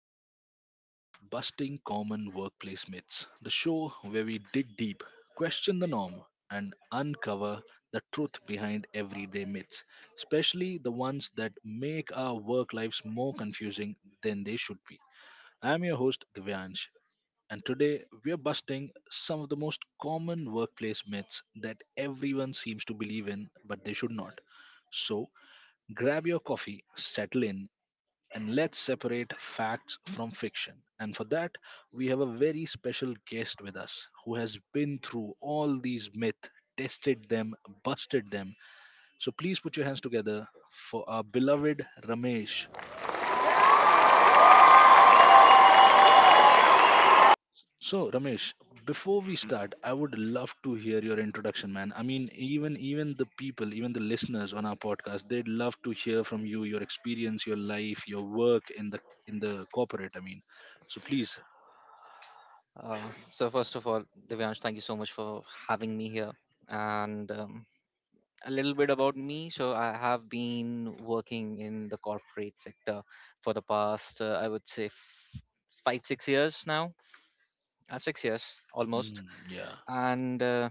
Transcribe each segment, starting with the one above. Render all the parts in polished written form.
third episode of Busting Common Workplace Myths, the show where we dig deep, question the norm, and uncover the truth behind everyday myths, especially the ones that make our work lives more confusing than they should be. I'm your host, Divyansh, and today we're busting some of the most common workplace myths that everyone seems to believe in but they should not. So, grab your coffee, settle in, and let's separate facts from fiction. And for that, we have a very special guest with us who has been through all these myths, tested them, busted them. So please put your hands together for our beloved Ramesh. So Ramesh, before we start, I would love to hear your introduction, man. I mean, even the people, even the listeners on our podcast, they'd love to hear from you, your experience, your life, your work in the corporate. I mean, so please, Uh, so first of all, Divyansh, thank you so much for having me here. And A little bit about me. So I have been working in the corporate sector for the past, I would say, five, 6 years now, 6 years almost. mm, yeah, And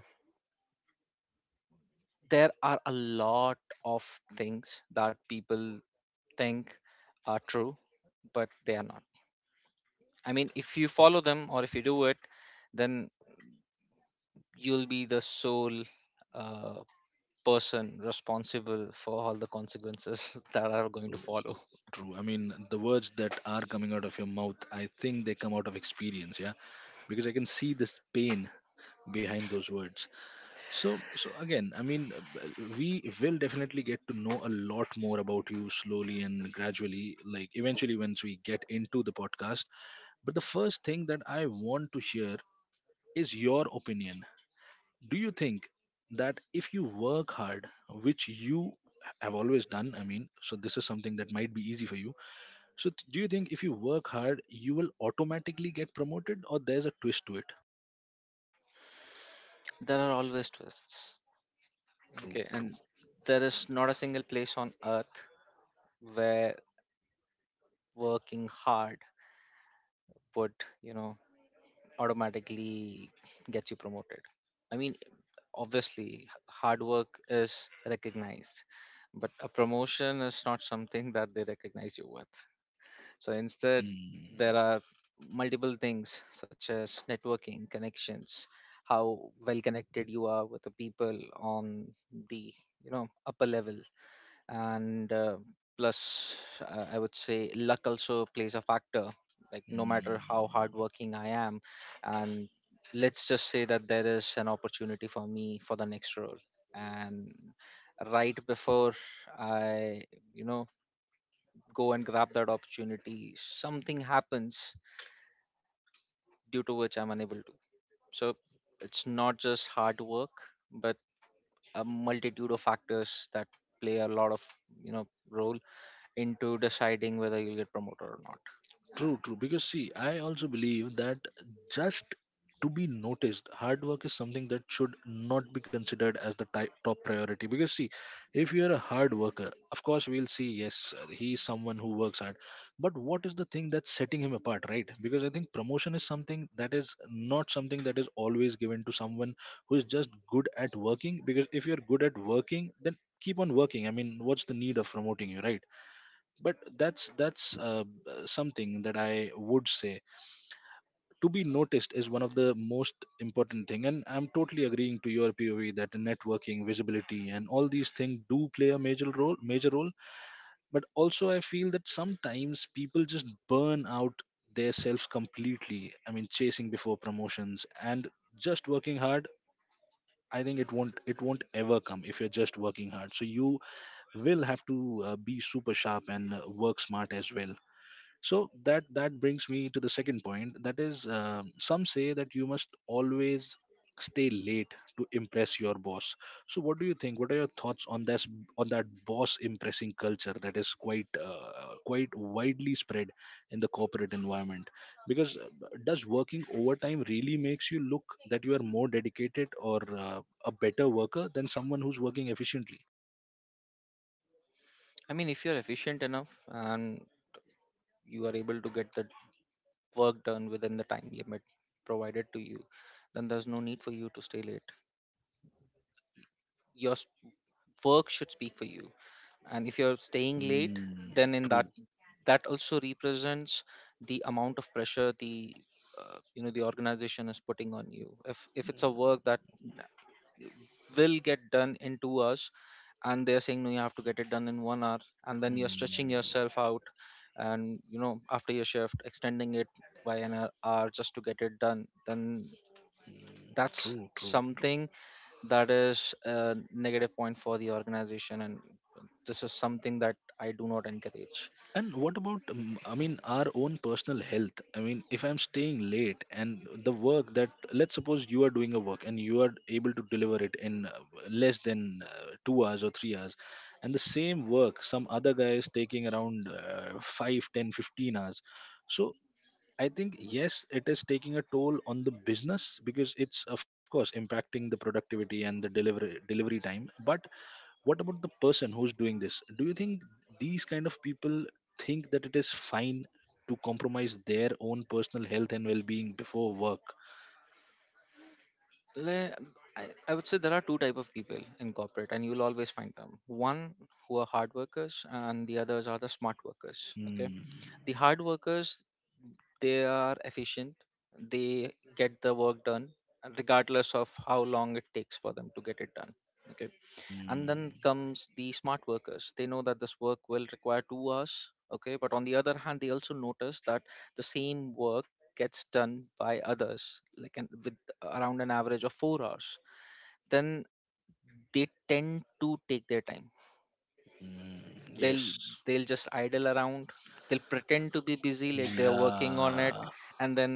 there are a lot of things that people think are true, but they are not. I mean, if you follow them or if you do it, then you'll be the sole. uh, Person responsible for all the consequences that are going to true. follow. True. I mean, the words that are coming out of your mouth, I think they come out of experience, yeah, because I can see this pain behind those words. So again, I mean, we will definitely get to know a lot more about you slowly and gradually, like eventually once we get into the podcast. But the first thing that I want to hear is your opinion. Do you think that if you work hard, which you have always done, I mean, so this is something that might be easy for you, so, do you think if you work hard, you will automatically get promoted, or there's a twist to it? There are always twists. True, Okay, true. and there is not a single place on earth where working hard would, you know, automatically get you promoted. I mean, obviously, hard work is recognized, but a promotion is not something that they recognize you with. So instead, there Mm. are multiple things such as networking, connections, how well connected you are with the people on the, you know, upper level, and plus I would say luck also plays a factor. Like no matter how Mm. hardworking I am, and let's just say that there is an opportunity for me for the next role, and right before I, you know, go and grab that opportunity, something happens due to which I'm unable to. So it's not just hard work, but a multitude of factors that play a lot of, you know, role into deciding whether you'll get promoted or not. True, true. Because see, I also believe that just to be noticed, hard work is something that should not be considered as the top priority. Because see, if you are a hard worker, of course we'll see yes, he is someone who works hard. But what is the thing that's setting him apart, right? Because I think promotion is something that is not something that is always given to someone who is just good at working. Because if you're good at working, then keep on working. I mean, what's the need of promoting you, right? But that's something that I would say, to be noticed is one of the most important thing, and I'm totally agreeing to your POV that networking, visibility, and all these things do play a major role. But also I feel that sometimes people just burn out their selves completely. I mean, chasing before promotions and just working hard, I think it won't ever come if you're just working hard. So you will have to be super sharp and work smart as well. So that brings me to the second point, that is, some say that you must always stay late to impress your boss. So what do you think? What are your thoughts on this, on that boss impressing culture that is quite quite widely spread in the corporate environment? Because does working overtime really makes you look that you are more dedicated or a better worker than someone who's working efficiently? I mean, if you're efficient enough and you are able to get the work done within the time limit provided to you, then there's no need for you to stay late. Your work should speak for you, and if you're staying late, Hmm, then in true. that also represents the amount of pressure the, you know, the organization is putting on you. If it's a work that will get done in 2 hours and they're saying no, you have to get it done in 1 hour, and then you're stretching Hmm, yourself out and, you know, after your shift extending it by an hour just to get it done, then that's true. True. True. something that is a negative point for the organization, and this is something that I do not encourage. And what about, I mean, our own personal health? I mean, if I'm staying late and the work that, let's suppose you are doing a work and you are able to deliver it in less than 2 hours or 3 hours, and the same work, some other guy is taking around 5, 10, 15 hours. So I think, yes, it is taking a toll on the business because it's, of course, impacting the productivity and the delivery time. But what about the person who's doing this? Do you think these kind of people think that it is fine to compromise their own personal health and well-being before work? Le- I would say there are two type of people in corporate and you'll always find them. One who are hard workers and the others are the smart workers. Okay, Hmm. the hard workers, they are efficient, they get the work done, regardless of how long it takes for them to get it done. Okay, and then Hmm. comes the smart workers. They know that this work will require 2 hours, okay, but on the other hand they also notice that the same work gets done by others like with around an average of 4 hours. Then they tend to take their time. Hmm. they'll Yes. they'll just idle around, they'll pretend to be busy like they're working on it. Yeah. And then,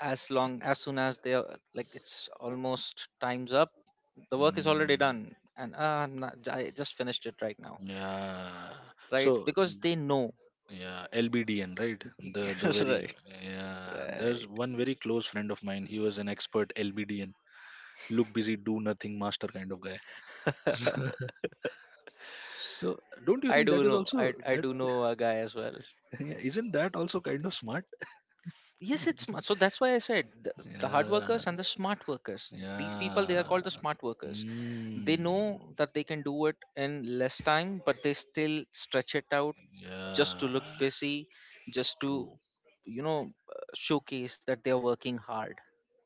as long as soon as they are like it's almost time's up, the work is already Hmm. done and, I'm not- j- I just finished it right now. Yeah. So Right, because they know. yeah, LBDN, right? The very Right. Yeah, there's Right. one very close friend of mine. He was an expert LBDN, look busy do nothing master kind of guy. So don't you i think do that is know i also i that? do know a guy as well. Yeah, isn't that also kind of smart? Yes, it's smart. So that's why I said, the hard Yeah, workers and the smart workers, these people they are yeah, called the smart workers. They mm, know that they can do it in less time but they still stretch it out, just to yeah, look busy, just to, true. you know, showcase that they are working hard.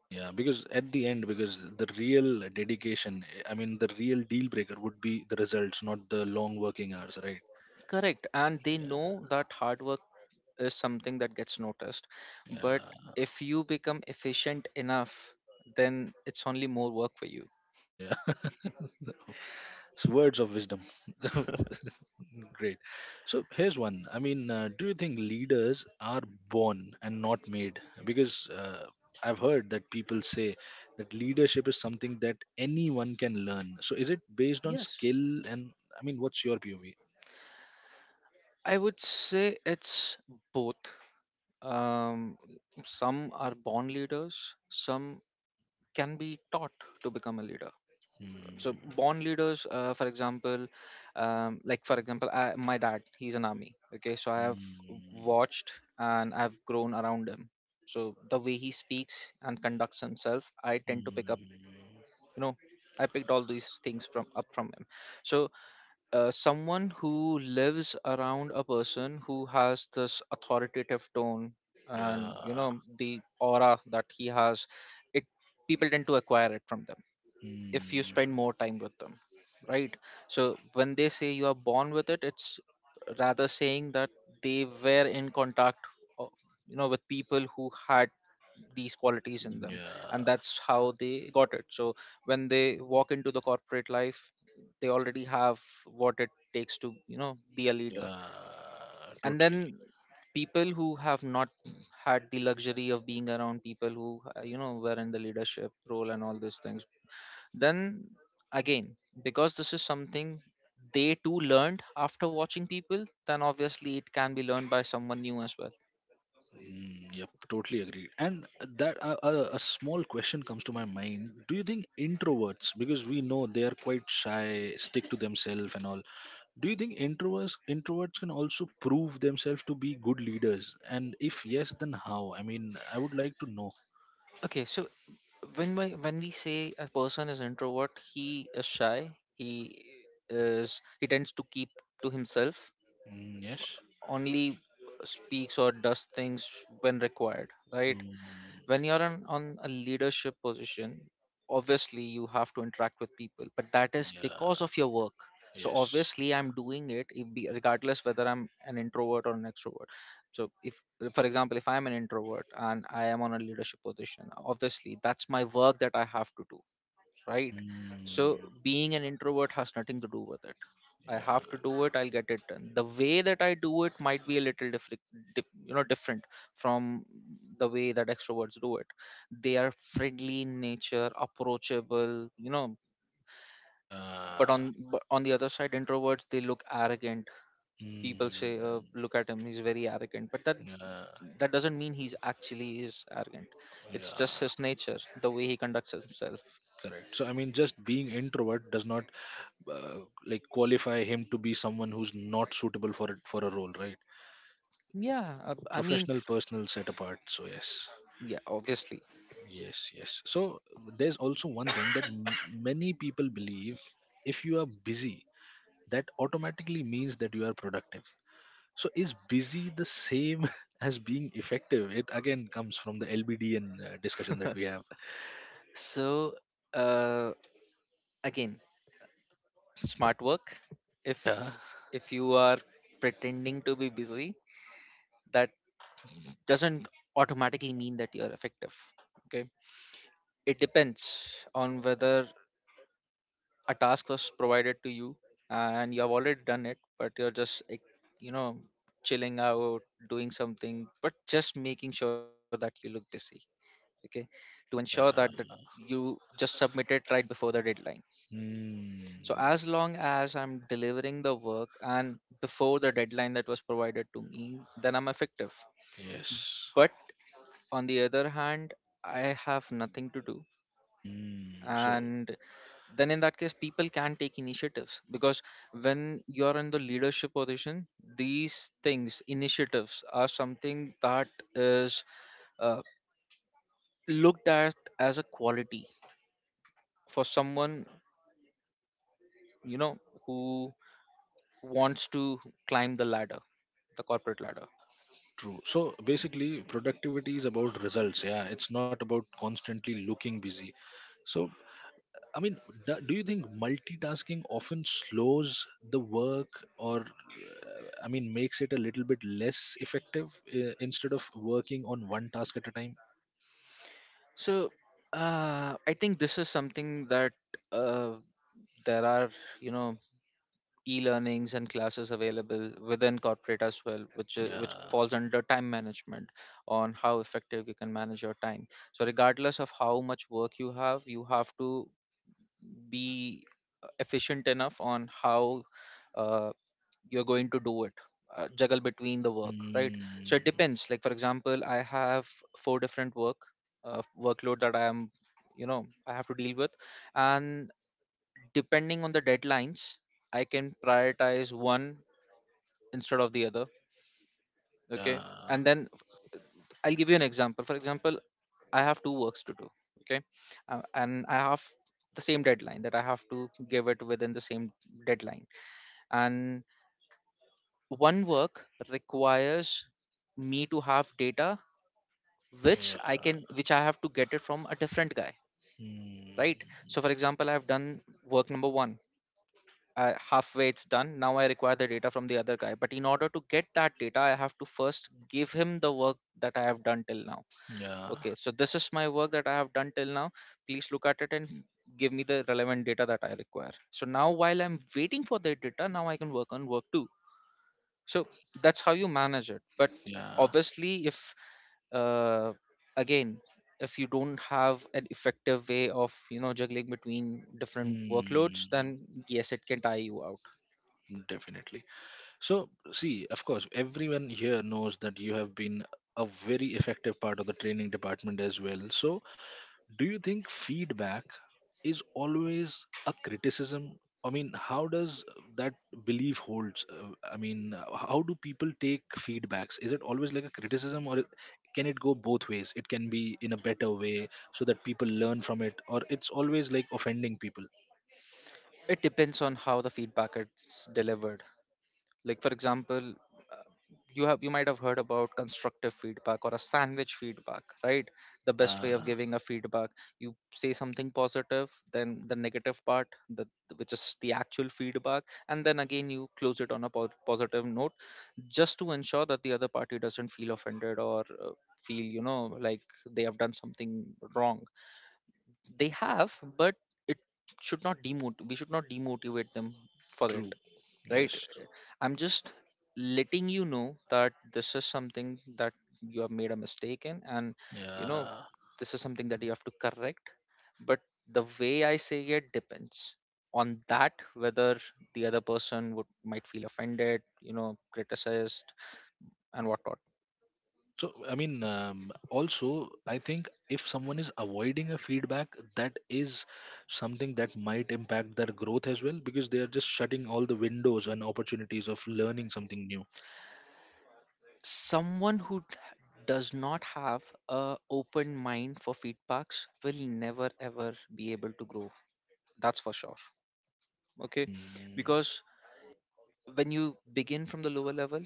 Yeah, because at the end, because the real dedication, I mean, the real deal breaker would be the results, not the long working hours, right? Correct, and they Yeah, know that hard work is something that gets noticed, but yeah, if you become efficient enough, then it's only more work for you. yeah. It's words of wisdom. Great. So here's one. I mean, do you think leaders are born and not made? Because I've heard that people say that leadership is something that anyone can learn. So is it based on Yes, skill? And I mean, what's your POV? I would say it's both. Um, some are born leaders, some can be taught to become a leader. So, Hmm. born leaders, for example, like for example, I, my dad, he's an army. Okay, so I have Hmm. watched and I've grown around him. So, the way he speaks and conducts himself, I tend to pick up, Hmm. you know, I picked all these things from up from him. So, someone who lives around a person who has this authoritative tone and, you Yeah. know, the aura that he has, it, people tend to acquire it from them if you Hmm. spend more time with them, right? So when they say you are born with it, it's rather saying that they were in contact, o- you know, with people who had these qualities in them, and Yeah. that's how they got it. So when they walk into the corporate life, they already have what it takes to, you know, be a leader. Yeah. And Totally. then people who have not had the luxury of being around people who, you know, were in the leadership role and all these things, then again, because this is something they too learned after watching people, then obviously it can be learned by someone new as well. Mm, yep, totally agree. And that a small question comes to my mind. Do you think introverts, because we know they are quite shy, stick to themselves and all, do you think introverts can also prove themselves to be good leaders? And if yes, then how? I mean, I would like to know. Okay, so when we say a person is introvert, he is shy. He he tends to keep to himself, Mm, yes. only speaks or does things when required, right? Mm, When you're on a leadership position, obviously you have to interact with people, but that is because yeah. of your work. So Yes. obviously I'm doing it, if be- regardless whether I'm an introvert or an extrovert. So if, for example, if I'm an introvert and I am on a leadership position, obviously that's my work that I have to do, right? Mm, So being an introvert has nothing to do with it. I have yeah. to do it. I'll get it done. The way that I do it might be a little different, you know, different from the way that extroverts do it. They are friendly in nature, approachable, you know. But Yeah. on but on the other side, introverts they look arrogant. People Mm, say, "Look at him, he's very arrogant." But that yeah. that doesn't mean he's actually is arrogant. It's just Yeah. his nature, the way he conducts himself. Correct. So I mean, just being introvert does not uh, like qualify him to be someone who's not suitable for it, for a role, right? Yeah, I mean, Professional, personal, set apart. So yes, yeah, obviously. yes, yes. So there's also one thing that many people believe: if you are busy, that automatically means that you are productive. So is busy the same as being effective? It again comes from the LBDN discussion that we have. So uh, again, smart work. If Yeah. if you are pretending to be busy, that doesn't automatically mean that you're effective. Okay, it depends on whether a task was provided to you, uh, and you have already done it, but you're just like, you know, chilling out, doing something, but just making sure that you look busy. Okay, to ensure that Yeah. You just submit it right before the deadline. Mm, So as long as I'm delivering the work and before the deadline that was provided to me, then I'm effective. yes. But on the other hand, I have nothing to do. Mm, so And then in that case, people can take initiatives because when you're in the leadership position, these things, initiatives, are something that is, uh, looked at as a quality for someone, you know, who wants to climb the ladder, the corporate ladder. true. So basically, productivity is about results. Yeah, it's not about constantly looking busy. So, I mean, do you think multitasking often slows the work, or, I mean, makes it a little bit less effective instead of working on one task at a time? So, I think this is something that, uh, there are, you know, e-learnings and classes available within corporate as well, which, which Yeah. falls under time management on how effective you can manage your time. So, regardless of how much work you have to be, efficient enough on how, uh, you're going to do it, juggle between the work, right? So Mm, it depends. Like for example, I have 4 different work, workload that I am, you know, I have to deal with, and depending on the deadlines I can prioritize one instead of the other. Okay, yeah. and then I'll give you an example. For example, I have 2 works to do, okay, and I have the same deadline, that I have to give it within the same deadline, and one work requires me to have data, Yeah. Which I have to get it from a different guy. Mm, Right, so for example, I've done work number 1, halfway it's done, now I require the data from the other guy, but in order to get that data I have to first give him the work that I have done till now. yeah. Okay, so this is my work that I have done till now, please look at it and give me the relevant data that I require. So now while I'm waiting for the data, now I can work on work 2. So that's how you manage it. But Yeah. obviously if, uh, again if you don't have an effective way of, you know, juggling between different workloads, Mm, then yes, it can tie you out. definitely. So, see, of course, everyone here knows that you have been a very effective part of the training department as well. So, do you think feedback is always a criticism? I mean, how does that belief holds? I mean, how do people take feedbacks? Is it always like a criticism, or can it go both ways? It can be in a better way so that people learn from it, or it's always like offending people. It depends on how the feedback is delivered. Like for example, uh, you have, you might have heard about constructive feedback or a sandwich feedback, right? The best Yeah, way of giving a feedback, you say something positive, then the negative part, the which is the actual feedback, and then again you close it on a positive note, just to ensure that the other party doesn't feel offended or, feel, you know, like they have done something wrong. They have. But it should not demot we should not demotivate them for it. true. Right. Yes. I'm just letting you know that this is something that you have made a mistake in, and you know, Yeah. this is something that you have to correct. But the way I say it depends on that whether the other person would might feel offended, criticized and whatnot. So, I mean, also, I think if someone is avoiding a feedback, that is something that might impact their growth as well because they are just shutting all the windows and opportunities of learning something new. Someone who does not have a open mind for feedbacks will never ever be able to grow. That's for sure. Okay, Mm, because when you begin from the lower level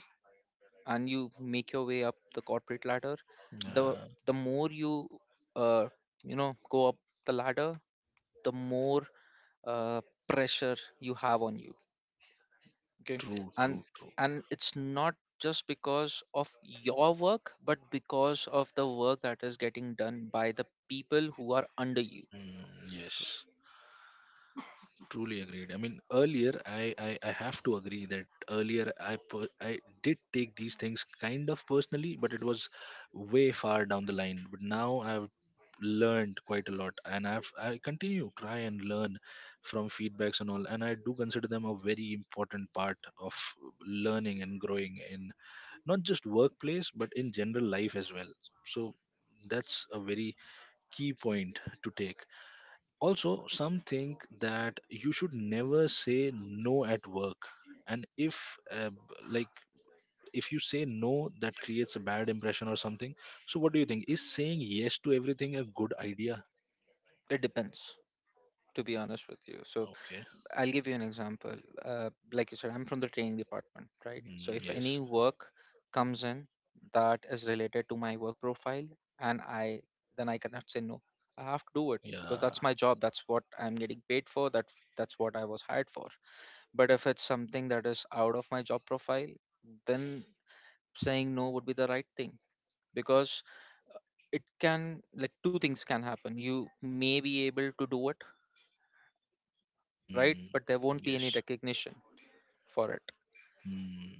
and you make your way up the corporate ladder, the yeah, the more you uh, you know go up the ladder, the more uh, pressure you have on you. Okay, true, and true, true. It's not just because of your work, but because of the work that is getting done by the people who are under you. Mm, yes. Truly agreed. I mean, earlier I have to agree that earlier I did take these things kind of personally, but it was way far down the line. But now I've learned quite a lot, and I continue try and learn from feedbacks and all, and I do consider them a very important part of learning and growing in not just workplace but in general life as well. So that's a very key point to take. Also, some think that you should never say no at work. And if, like, if you say no, that creates a bad impression or something. So, what do you think? Is saying yes to everything a good idea? It depends, to be honest with you. So Okay. I'll give you an example. Like you said, I'm from the training department, right? So Mm, if any yes. work comes in that is related to my work profile, and I then I cannot say no. I have to do it because Yeah. that's my job. That's what I'm getting paid for. That's what I was hired for. But if it's something that is out of my job profile, then saying no would be the right thing because it can like two things can happen. You may be able to do it, right? Mm, But there won't be any yes. recognition for it, Mm.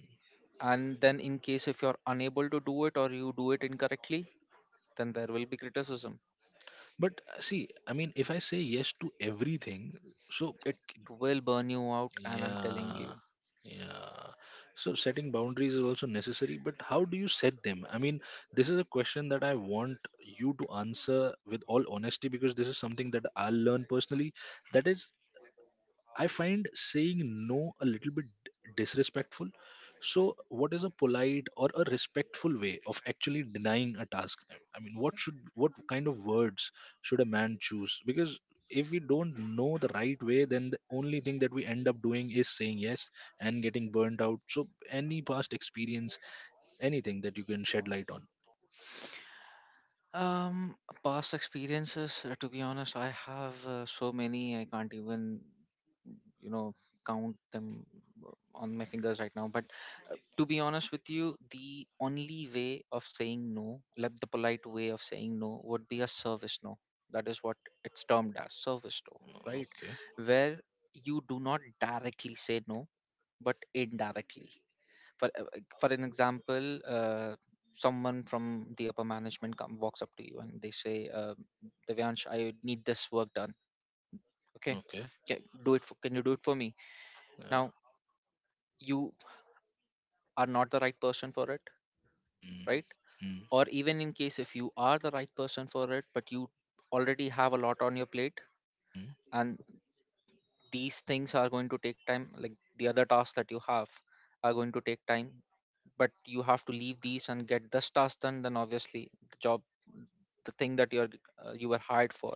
and then in case if you're unable to do it or you do it incorrectly, then there will be criticism. But see, I mean, if I say yes to everything, so... It will burn you out, and I'm telling Yeah, you. yeah. So setting boundaries is also necessary, but how do you set them? I mean, this is a question that I want you to answer with all honesty because this is something that I learned personally. That is, I find saying no a little bit disrespectful. So, what is a polite or a respectful way of actually denying a task? I mean, what should, what kind of words should a man choose? Because if we don't know the right way, then the only thing that we end up doing is saying yes and getting burnt out. So, any past experience, anything that you can shed light on? Um, Past experiences, to be honest, I have so many, I can't even, you know, count them uh, on my fingers right now. But to be honest with you, the only way of saying no, like the polite way of saying no, would be a service no. That is what it's termed as, service no, right? Okay, Where you do not directly say no, but indirectly. For for an example, someone from the upper management come walks up to you and they say, uh, Devyansh, I need this work done. Okay, okay, can, can you do it for me. yeah. Now, you are not the right person for it, Mm, right? mm, Or even in case if you are the right person for it, but you already have a lot on your plate, mm, and these things are going to take time, like the other tasks that you have are going to take time, but you have to leave these and get this task done, then obviously the job the thing that you're you were hired for,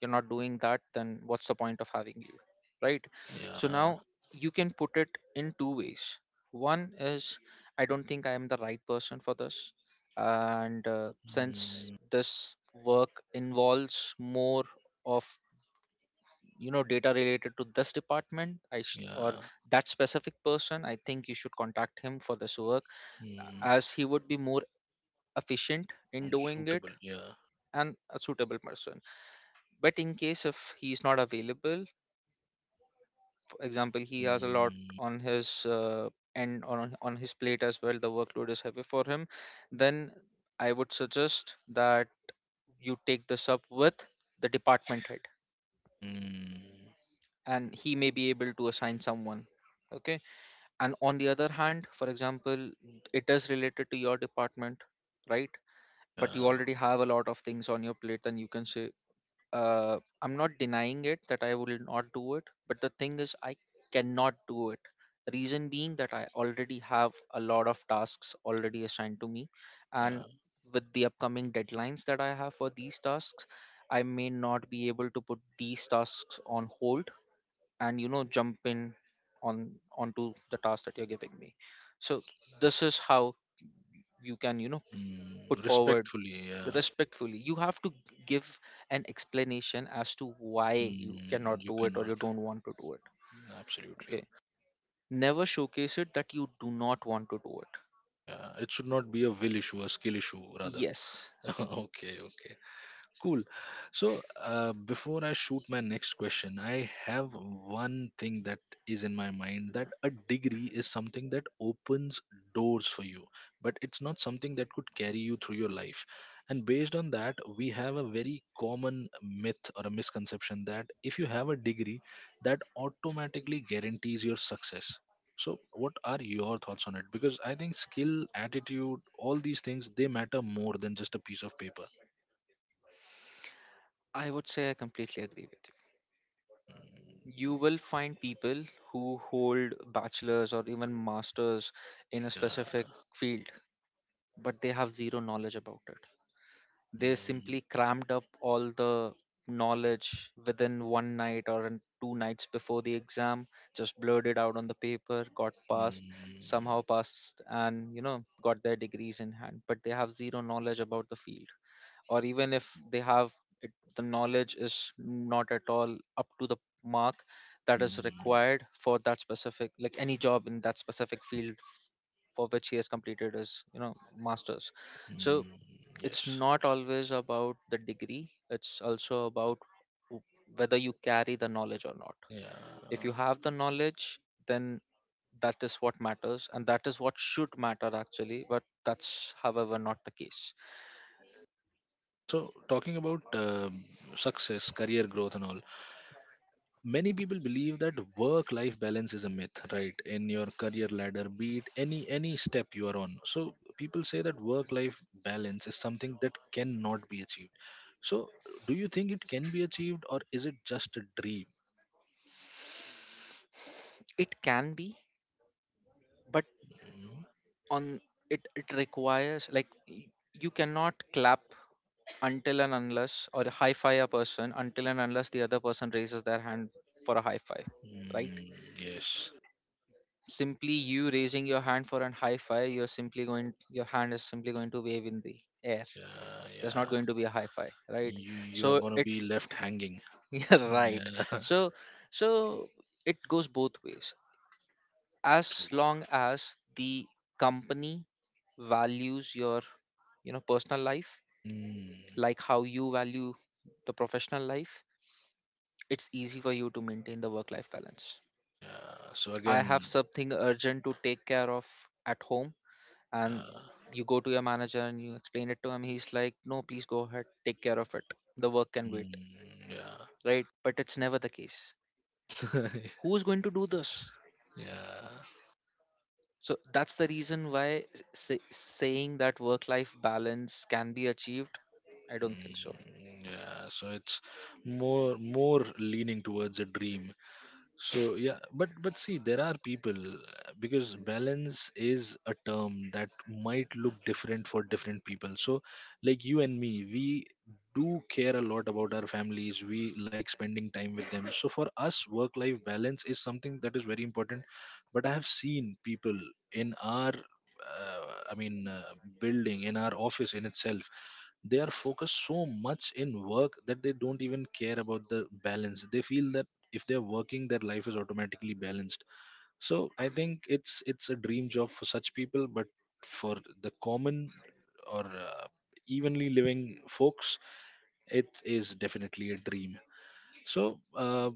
you're not doing that, then what's the point of having you, right? So yeah, now you can put it in two ways. One is, I don't think I am the right person for this, and since mm, this work involves more of data related to this department, I sh- or yeah. that specific person, I think you should contact him for this work Hmm. as he would be more efficient in doing it, Unsuitable. Yeah. and a suitable person. But in case if he's not available, for example he has a lot Mm, on his uh, on his plate as well, the workload is heavy for him, then I would suggest that you take this up with the department head, mm, and he may be able to assign someone. Okay. And on the other hand, for example, it is related to your department, right? But you yeah. already have a lot of things on your plate, then you can say, I'm not denying it that I will not do it, but the thing is, I cannot do it. Reason being that I already have a lot of tasks already assigned to me, and Yeah. with the upcoming deadlines that I have for these tasks, I may not be able to put these tasks on hold and jump in on onto the task that you're giving me. So this is how you can Mm, put forward respectfully. Yeah. respectfully. You have to give an explanation as to why you cannot Mm, you do it or cannot. you don't want to do it. Absolutely. Okay, never showcase it that you do not want to do it. Yeah. It should not be a will issue, a skill issue, rather. Yes. Okay. Okay. Cool. So, before I shoot my next question, I have one thing that is in my mind that a degree is something that opens doors for you, but it's not something that could carry you through your life. And based on that, we have a very common myth or a misconception that if you have a degree, that automatically guarantees your success. So, what are your thoughts on it? Because I think skill, attitude, all these things, they matter more than just a piece of paper. I would say I completely agree with Mm, you. You will find people who hold bachelors or even masters in a yeah. specific field, but they have zero knowledge about it. They Mm, simply crammed up all the knowledge within 1 night or in 2 nights before the exam, just blurted out on the paper, got passed, mm, somehow passed, and got their degrees in hand, but they have zero knowledge about the field. Or even if they have it, the knowledge is not at all up to the mark that is mm, required for that specific, like any job in that specific field for which he has completed his masters. So mm, it's yes. not always about the degree. It's also about w- whether you carry the knowledge or not. If you Yeah. have the knowledge, then that is what matters, and that is what should matter actually. But that's however not the case. So, talking about success, career growth, and all, many people believe that work-life balance is a myth, right? In your career ladder, be it any step you are on, so people say that work-life balance is something that cannot be achieved. So, do you think it can be achieved, or is it just a dream? It can be, but Mm, on it requires, like, you cannot clap until and unless, or high five a person until and unless the other person raises their hand for a high five, right? mm, yes. Simply you raising your hand for an high five, you're simply going your hand is simply going to wave in the air. Yeah. There's not Yeah. going to be a high five, right? You are So going to it be left hanging. you're right. Yeah. So so it goes both ways. As True. long as the company values your personal life Mm, like how you value the professional life, it's easy for you to maintain the work life balance. yeah. So I have again, something urgent to take care of at home, and yeah. you go to your manager and you explain it to him, he's like, no, please go ahead, take care of it. The work can wait, Mm, yeah. right? But it's never the case. Who's going to do this? yeah. So that's the reason why, saying that work life balance can be achieved, I don't think so. Mm, yeah. So it's more leaning towards a dream. So yeah, but see, there are people because balance is a term that might look different for different people. So like you and me, we do care a lot about our families. We like spending time with them. So for us, work-life balance is something that is very important. But I have seen people in I mean, building in our office in itself, they are focused so much in work that they don't even care about the balance. They feel that if they're working, their life is automatically balanced. So I think it's a dream job for such people, but for the common or evenly living folks, it is definitely a dream. So uh,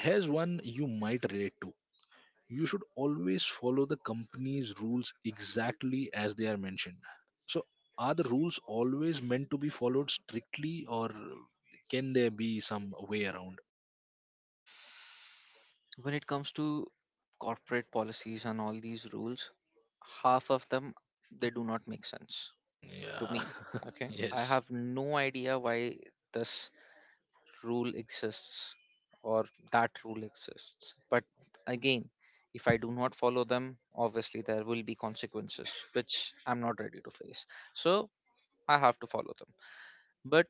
here's one you might relate to. You should always follow the company's rules exactly as they are mentioned. So are the rules always meant to be followed strictly, or can there be some way around? When it comes to corporate policies and all these rules, half of them, they do not make sense to Yeah. me. Okay, I Yes. have no idea why this rule exists or that rule exists. But again, if I do not follow them, obviously there will be consequences which I'm not ready to face. So I have to follow them. But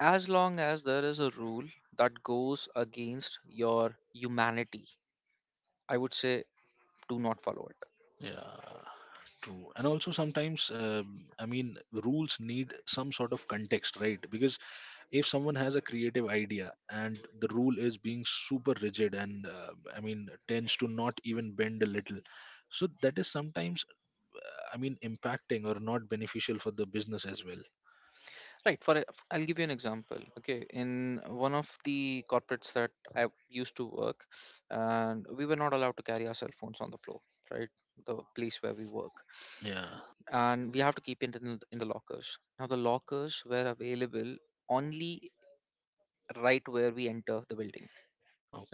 as long as there is a rule that goes against your humanity, I would say, do not follow it. Yeah, true. And also sometimes, I mean, rules need some sort of context, right? Because if someone has a creative idea and the rule is being super rigid and, I mean, tends to not even bend a little, so that is sometimes, I mean, impacting or not beneficial for the business as well. Right. For I'll give you an example. Okay, in one of the corporates that I used to work, and we were not allowed to carry our cell phones on the floor. Right, the place where we work, Yeah. and we have to keep it in the lockers. Now the lockers were available only right where we enter the building.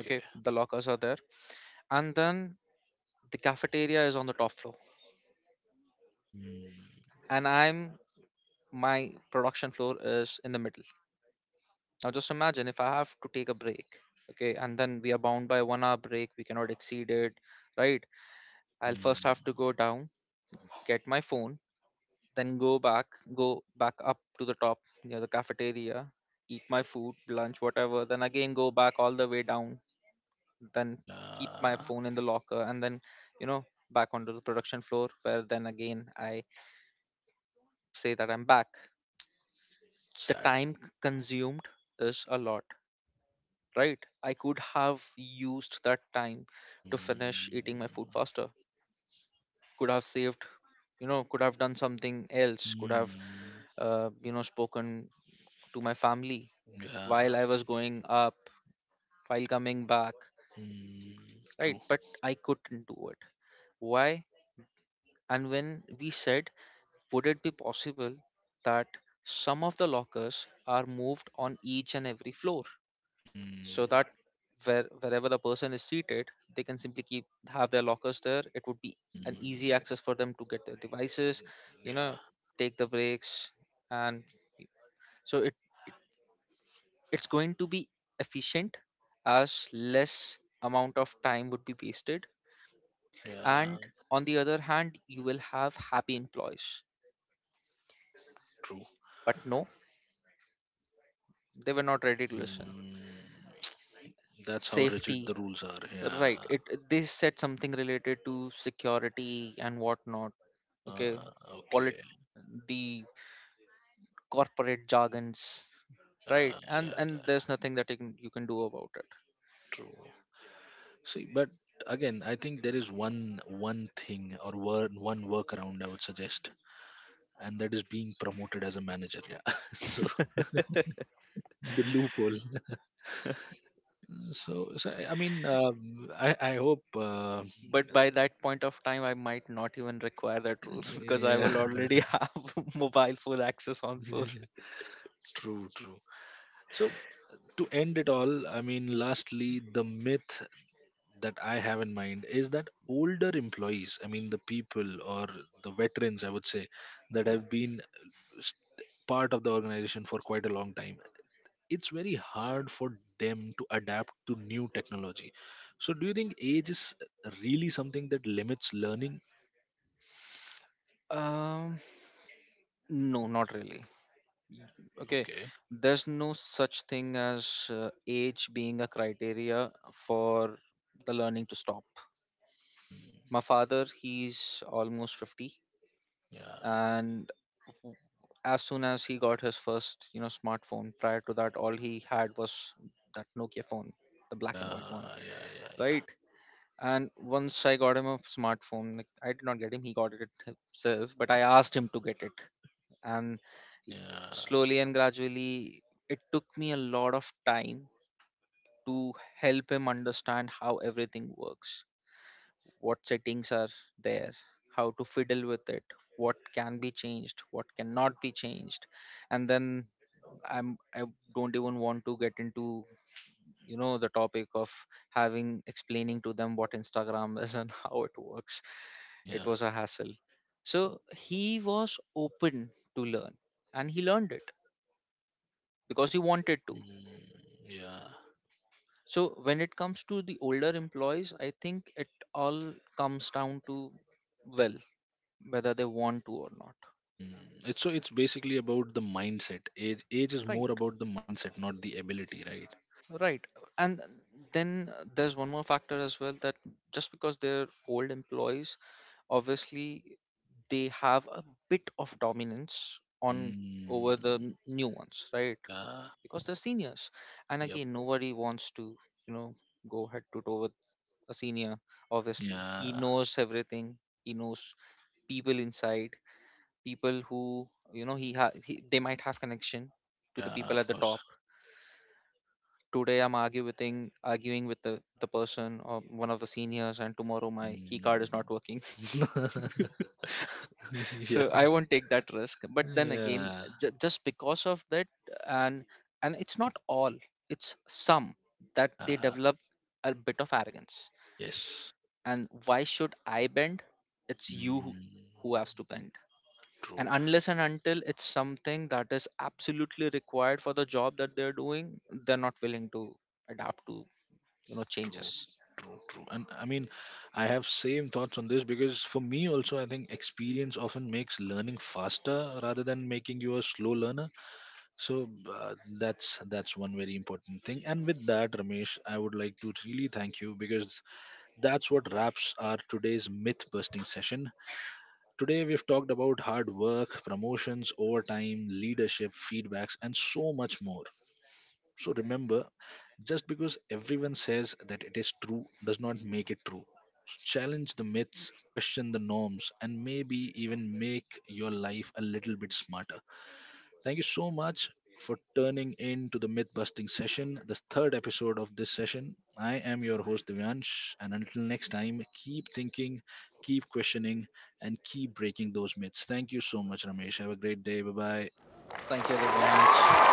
Okay, the lockers are there, and then the cafeteria is on the top floor, Mm, and I'm my production floor is in the middle. Now just imagine if I have to take a break, okay, and then we are bound by 1 hour break, we cannot exceed it, right? I'll first have mm, to go down, get my phone, then go back up to the top near the cafeteria, eat my food, lunch, whatever, then again go back all the way down, then keep my yeah. phone in the locker, and then, you know, back onto the production floor where then again I say that I'm back. The Sad. time consumed is a lot, right? I could have used that time to Mm, finish eating my food faster. Could have saved, could have done something else. Could have, mm, spoken to my family while yeah. I was going up, while coming back, Mm, right? true. But I couldn't do it. Why? And when we said, would it be possible that some of the lockers are moved on each and every floor, so Mm, that wherever the person is seated, they can simply keep have their lockers there? It would be an easy mm, access for them to get their devices, you yeah, know take the breaks, and so it's going to be efficient, as less amount of time would be wasted, yeah, and on the other hand you will have happy employees. true. But no, they were not ready to listen. Mm, that's how rigid Safety. the rules are. Yeah. Right. They said something related to security and whatnot. Okay. Uh, Polit okay. The corporate jargons. Right. Uh, And yeah, yeah, there's nothing that you can do about it. true. See, but again, I think there is one thing or one workaround I would suggest, and that is being promoted as a manager. Yeah. So the loophole. So, I mean, I hope. But by that point of time I might not even require that rule because I Yeah. will already have mobile phone access on floor. True. True. So to end it all, I mean, lastly, the myth that I have in mind is that older employees, I mean, the people or the veterans, I would say, that have been s- part of the organization for quite a long time, it's very hard for them to adapt to new technology. So, do you think age is really something that limits learning? Um no, not really. Okay. Okay. There's no such thing as age being a criteria for the learning to stop. Hmm. My father, he's almost 50, Yeah. and as soon as he got his first, smartphone, prior to that, all he had was that Nokia phone, the black and white one, Yeah. Yeah. Yeah. right? And once I got him a smartphone, like, I did not get him, he got it himself, but I asked him to get it. And Yeah. slowly and gradually, it took me a lot of time to help him understand how everything works, what settings are there, how to fiddle with it, what can be changed, what cannot be changed. And then I'm I don't even want to get into, the topic of having explaining to them what Instagram is and how it works. Yeah. It Yeah. was a hassle. So he was open to learn and he learned it because he wanted to. Mm, yeah. So when it comes to the older employees, I think it all comes down to, well, whether they want to or not. Hmm. It's so it's basically about the mindset. Age is Right, more about the mindset, not the ability, right? right. And then there's one more factor as well, that just because they're old employees, obviously they have a bit of dominance on over Mm. the new ones, right? Yeah. Because they're seniors. And Yep. again, nobody wants to, you know, go head to toe with a senior, obviously. He Yeah. knows everything. He knows people inside, people who, they might have connection to the Yeah. people Of at the course. top. Today I'm arguing with the person or one of the seniors, and tomorrow my key card is not Mm. working. yeah. So I won't take that risk. But then again, Yeah. Just because of that, and it's not all, it's some that they Yeah. develop a bit of arrogance. Yes. And why should I bend? It's you Mm. who has to bend, and True. unless and until it's something that is absolutely required for the job that they're doing, they're not willing to adapt to True. changes. True. True. And I mean, I have same thoughts on this because for me also, I think experience often makes learning faster rather than making you a slow learner. So that's one very important thing. And with that, Ramesh, I would like to really thank you because that's what wraps our today's myth busting session. Today we've talked about hard work, promotions, overtime, leadership, feedbacks, and so much more. So remember, just because everyone says that it is true does not make it true. Challenge the myths, question the norms, and maybe even make your life a little bit smarter. Thank you so much for turning in to the myth busting session, the third episode of this session. I am your host Divyansh, and until next time, keep thinking, keep questioning, and keep breaking those myths. Thank you so much, Ramesh. Have a great day. Bye bye. Thank you, Divyansh.